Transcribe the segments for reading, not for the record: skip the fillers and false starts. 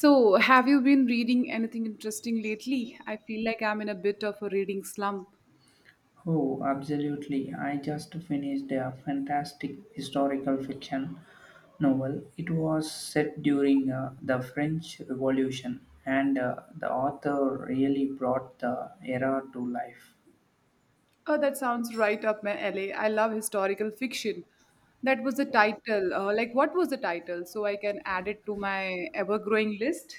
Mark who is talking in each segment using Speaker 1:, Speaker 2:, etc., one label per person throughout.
Speaker 1: So, have you been reading anything interesting lately? I feel like I'm in a bit of a reading slump.
Speaker 2: Oh, absolutely. I just finished a fantastic historical fiction novel. It was set during the French Revolution, and the author really brought the era to life.
Speaker 1: Oh, that sounds right up my alley. I love historical fiction. That was the title. What was the title? So I can add it to my ever growing list.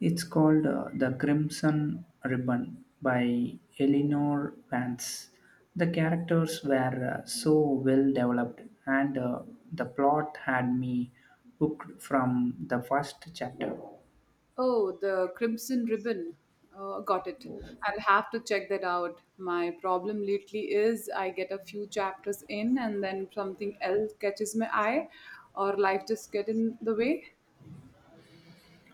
Speaker 2: It's called The Crimson Ribbon by Eleanor Vance. The characters were so well developed, and the plot had me hooked from the first chapter.
Speaker 1: Oh, The Crimson Ribbon. Got it. I'll have to check that out. My problem lately is I get a few chapters in and then something else catches my eye or life just get in the way.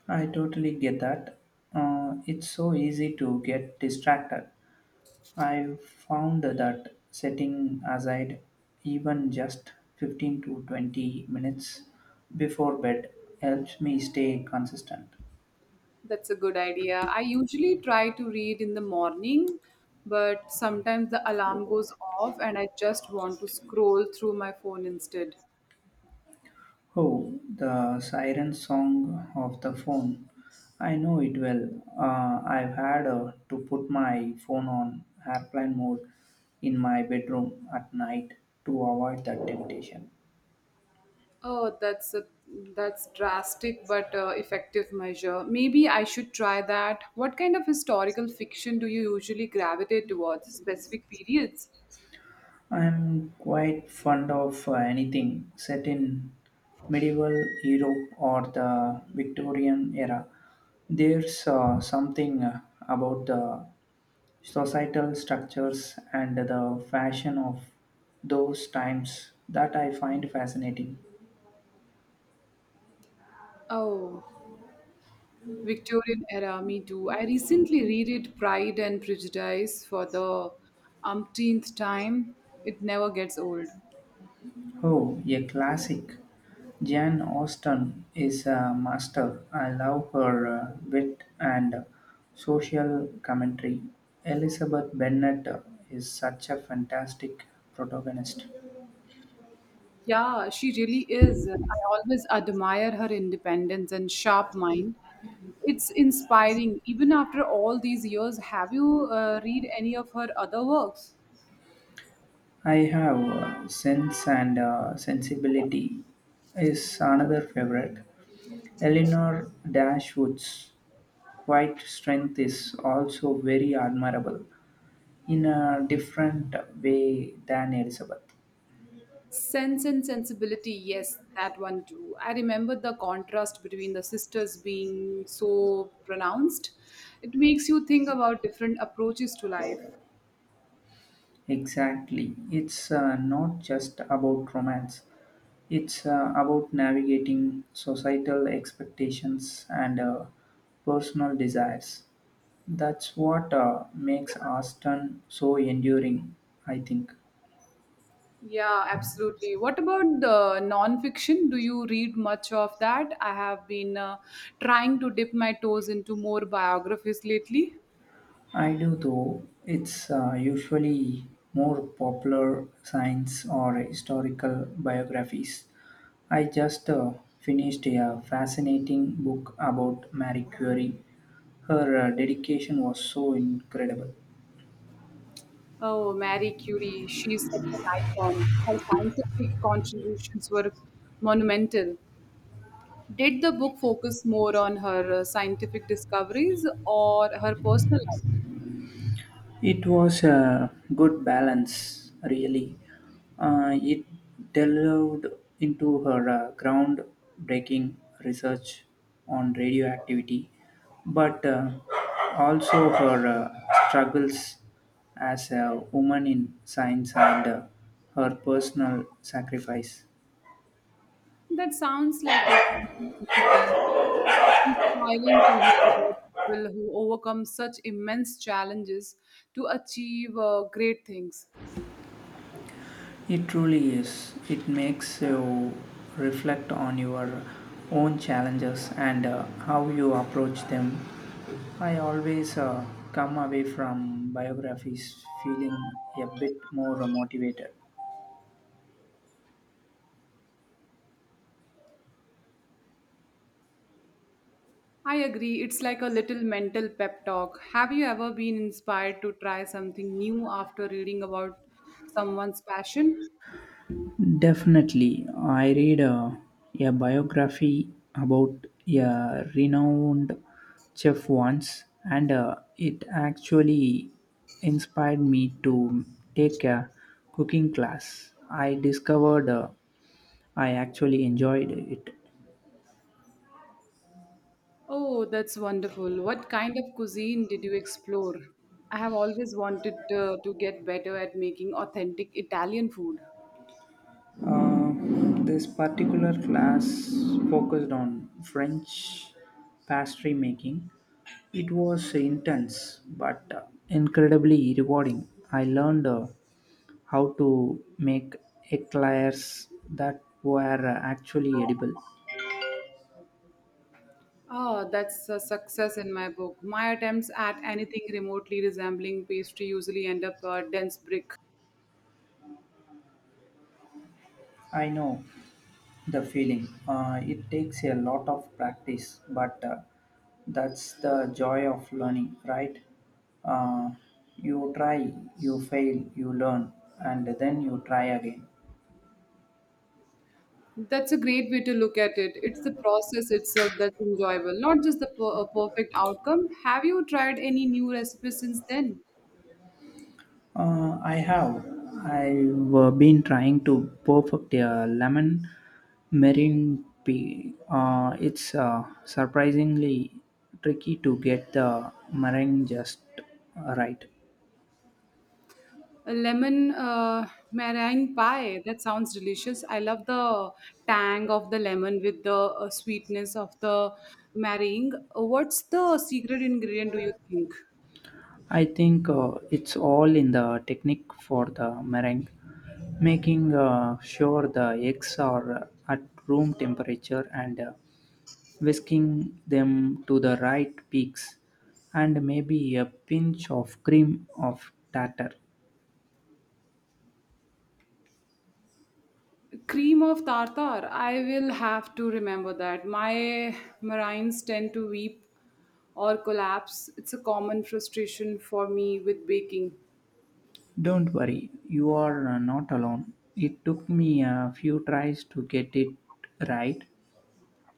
Speaker 2: I totally get that. It's so easy to get distracted. I've found that setting aside even just 15 to 20 minutes before bed helps me stay consistent.
Speaker 1: That's a good idea. I usually try to read in the morning, but sometimes the alarm goes off and I just want to scroll through my phone instead.
Speaker 2: Oh, the siren song of the phone. I know it well. I've had to put my phone on airplane mode in my bedroom at night to avoid that temptation.
Speaker 1: Oh, that's a that's drastic but effective measure. Maybe I should try that. What kind of historical fiction do you usually gravitate towards? Specific periods?
Speaker 2: I'm quite fond of anything set in medieval Europe or the Victorian era. There's something about the societal structures and the fashion of those times that I find fascinating.
Speaker 1: Oh, Victorian era, me too. I recently read it Pride and Prejudice for the umpteenth time. It never gets old.
Speaker 2: Oh, a classic. Jane Austen is a master. I love her wit and social commentary. Elizabeth Bennet is such a fantastic protagonist.
Speaker 1: Yeah, she really is. I always admire her independence and sharp mind. It's inspiring. Even after all these years, have you read any of her other works?
Speaker 2: I have Sense and Sensibility is another favorite. Eleanor Dashwood's quiet strength is also very admirable in a different way than Elizabeth.
Speaker 1: Sense and Sensibility, yes, that one too. I remember the contrast between the sisters being so pronounced. It makes you think about different approaches to life.
Speaker 2: Exactly. It's not just about romance, it's about navigating societal expectations and personal desires. That's what makes Aston so enduring, I think.
Speaker 1: Yeah, absolutely. What about the non-fiction? Do you read much of that? I have been trying to dip my toes into more biographies lately.
Speaker 2: I do, though. It's usually more popular science or historical biographies. I just finished a fascinating book about Marie Curie. Her dedication was so incredible.
Speaker 1: Oh, Marie Curie, she's such an icon. Her scientific contributions were monumental. Did the book focus more on her scientific discoveries or her personal life?
Speaker 2: It was a good balance, really. It delved into her groundbreaking research on radioactivity, but also her struggles as a woman in science and her personal sacrifice.
Speaker 1: That sounds like a dream. It's inspiring to hear about people who overcome such immense challenges to achieve great things.
Speaker 2: It truly is. It makes you reflect on your own challenges and how you approach them. I always come away from biographies feeling a bit more motivated.
Speaker 1: I agree, it's like a little mental pep talk. Have you ever been inspired to try something new after reading about someone's passion?
Speaker 2: Definitely. I read a biography about a renowned chef once, and it actually inspired me to take a cooking class. I discovered I actually enjoyed it.
Speaker 1: Oh, that's wonderful. What kind of cuisine did you explore? I have always wanted to get better at making authentic Italian food.
Speaker 2: Uh, this particular class focused on French pastry making. It was intense but incredibly rewarding. I learned how to make eclairs that were actually edible.
Speaker 1: Oh, that's a success in my book. My attempts at anything remotely resembling pastry usually end up a dense brick.
Speaker 2: I know the feeling. It takes a lot of practice, but that's the joy of learning, right? Uh, you try, you fail, you learn, and then you try again.
Speaker 1: That's a great way to look at it. It's the process itself that's enjoyable, not just the perfect outcome. Have you tried any new recipes since then?
Speaker 2: I have. I've been trying to perfect a lemon meringue pie. It's surprisingly tricky to get the meringue just right.
Speaker 1: A lemon meringue pie. That sounds delicious. I love the tang of the lemon with the sweetness of the meringue. What's the secret ingredient, do you think?
Speaker 2: I think it's all in the technique for the meringue, making sure the eggs are at room temperature and whisking them to the right peaks, and maybe a pinch of cream of tartar.
Speaker 1: Cream of tartar. I will have to remember that. My marines tend to weep or collapse. It's a common frustration for me with baking.
Speaker 2: Don't worry, you are not alone. It took me a few tries to get it right.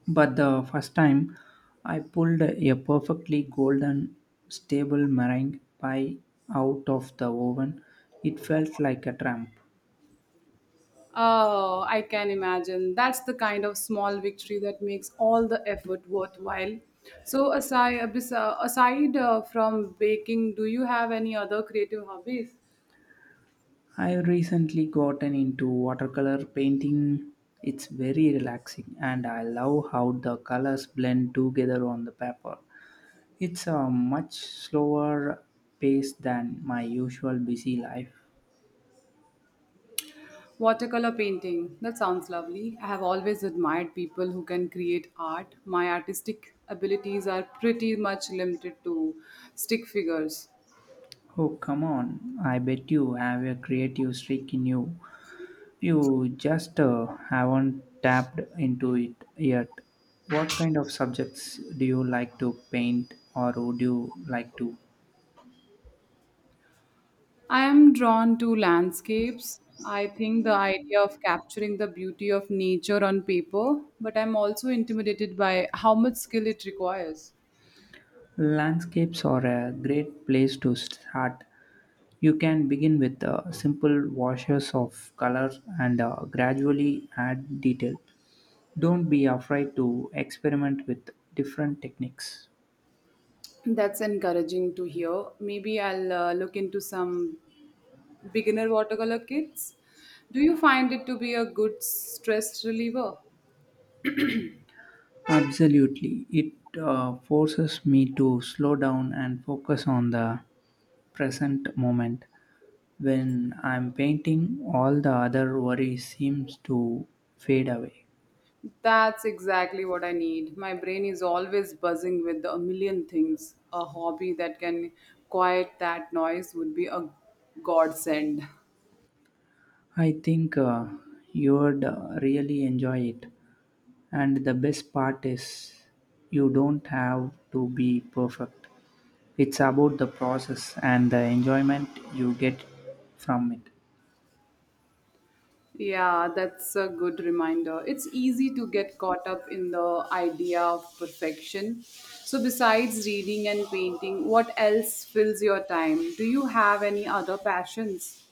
Speaker 2: But the first time I pulled a perfectly golden stable meringue pie out of the oven, it felt like a tramp.
Speaker 1: Oh, I can imagine. That's the kind of small victory that makes all the effort worthwhile. So, aside from baking, do you have any other creative hobbies?
Speaker 2: I've recently gotten into watercolor painting. It's very relaxing and I love how the colors blend together on the paper. It's a much slower pace than my usual busy life.
Speaker 1: Watercolor painting. That sounds lovely. I have always admired people who can create art. My artistic abilities are pretty much limited to stick figures.
Speaker 2: Oh, come on. I bet you have a creative streak in you. You just haven't tapped into it yet. What kind of subjects do you like to paint or would you like to?
Speaker 1: I am drawn to landscapes. I think the idea of capturing the beauty of nature on paper, but I'm also intimidated by how much skill it requires.
Speaker 2: Landscapes are a great place to start. You can begin with simple washes of color and gradually add detail. Don't be afraid to experiment with different techniques.
Speaker 1: That's encouraging to hear. Maybe I'll look into some beginner watercolor kits. Do you find it to be a good stress reliever?
Speaker 2: Absolutely. It forces me to slow down and focus on the present moment. When I'm painting, all the other worries seems to fade away.
Speaker 1: That's exactly what I need. My brain is always buzzing with a million things. A hobby that can quiet that noise would be a godsend.
Speaker 2: I think you would really enjoy it. And the best part is you don't have to be perfect. It's about the process and the enjoyment you get from it.
Speaker 1: Yeah, that's a good reminder. It's easy to get caught up in the idea of perfection. So, besides reading and painting, what else fills your time? Do you have any other passions?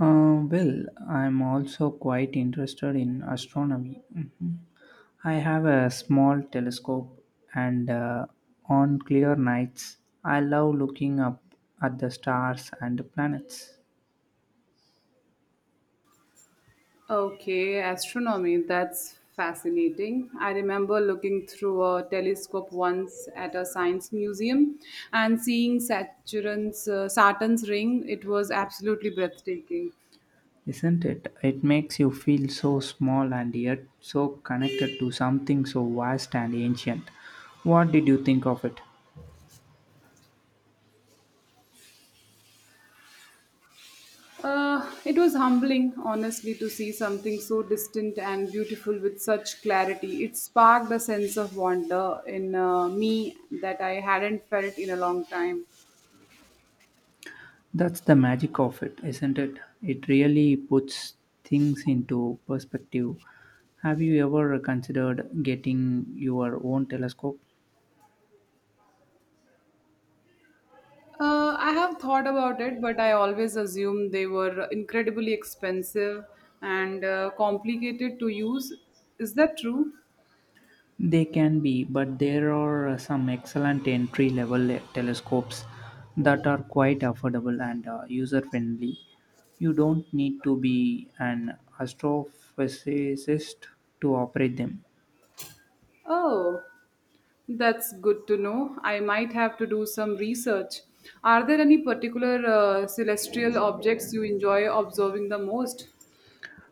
Speaker 2: Well, I'm also quite interested in astronomy. Mhm. I have a small telescope, and on clear nights, I love looking up at the stars and the planets.
Speaker 1: Okay, astronomy, that's fascinating. I remember looking through a telescope once at a science museum and seeing Saturn's ring. It was absolutely breathtaking.
Speaker 2: Isn't it? It makes you feel so small and yet so connected to something so vast and ancient. What did you think of it?
Speaker 1: It was humbling, honestly, to see something so distant and beautiful with such clarity. It sparked a sense of wonder in me that I hadn't felt in a long time.
Speaker 2: That's the magic of it, isn't it? It really puts things into perspective. Have you ever considered getting your own telescope?
Speaker 1: I have thought about it, but I always assumed they were incredibly expensive and complicated to use. Is that true?
Speaker 2: They can be, but there are some excellent entry level telescopes that are quite affordable and user friendly. You don't need to be an astrophysicist to operate them.
Speaker 1: Oh, that's good to know. I might have to do some research. Are there any particular celestial objects you enjoy observing the most?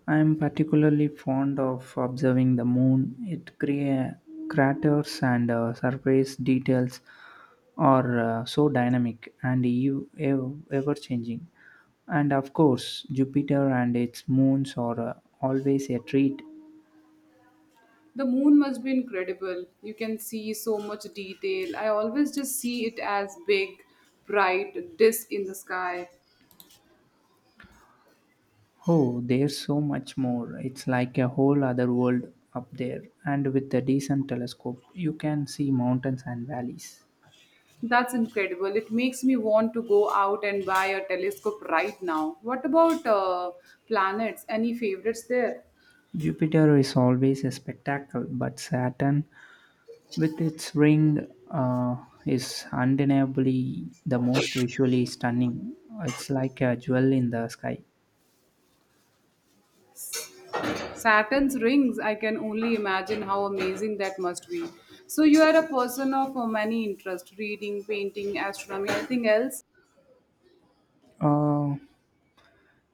Speaker 2: I am particularly fond of observing the moon. Craters and surface details are so dynamic and ever changing. And of course, Jupiter and its moons are always a treat.
Speaker 1: The moon must be incredible. You can see so much detail. I always just see it as big, bright disk in the sky.
Speaker 2: Oh, there's so much more. It's like a whole other world up there. And with a decent telescope, you can see mountains and valleys.
Speaker 1: That's incredible. It makes me want to go out and buy a telescope right now. What about planets? Any favorites there?
Speaker 2: Jupiter is always a spectacle, but Saturn with its ring is undeniably the most visually stunning. It's like a jewel in the sky.
Speaker 1: Saturn's rings, I can only imagine how amazing that must be. So, you are a person of many interests reading, painting, astronomy, anything else?
Speaker 2: Uh,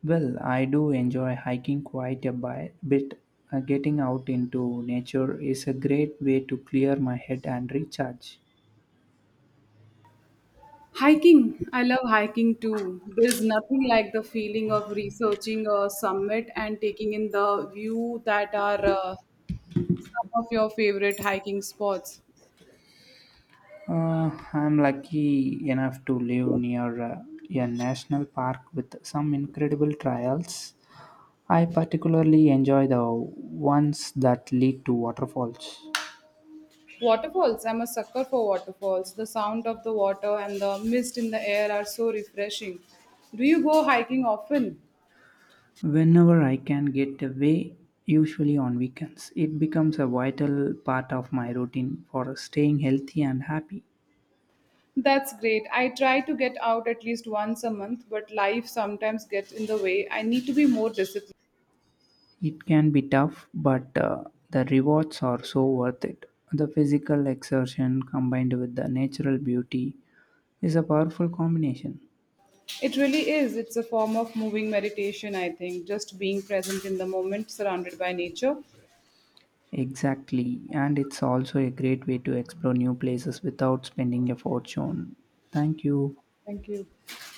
Speaker 2: well, I do enjoy hiking quite a bit. Getting out into nature is a great way to clear my head and recharge.
Speaker 1: Hiking. I love hiking too. There's nothing like the feeling of researching a summit and taking in the view that are some of your favorite hiking spots.
Speaker 2: I'm lucky enough to live near a national park with some incredible trails. I particularly enjoy the ones that lead to waterfalls.
Speaker 1: Waterfalls. I'm a sucker for waterfalls. The sound of the water and the mist in the air are so refreshing. Do you go hiking often?
Speaker 2: Whenever I can get away, usually on weekends, it becomes a vital part of my routine for staying healthy and happy.
Speaker 1: That's great. I try to get out at least once a month, but life sometimes gets in the way. I need to be more disciplined.
Speaker 2: It can be tough, but the rewards are so worth it. The physical exertion combined with the natural beauty is a powerful combination.
Speaker 1: It really is. It's a form of moving meditation, I think, just being present in the moment, surrounded by nature.
Speaker 2: Exactly, and it's also a great way to explore new places without spending a fortune. Thank you.
Speaker 1: Thank you.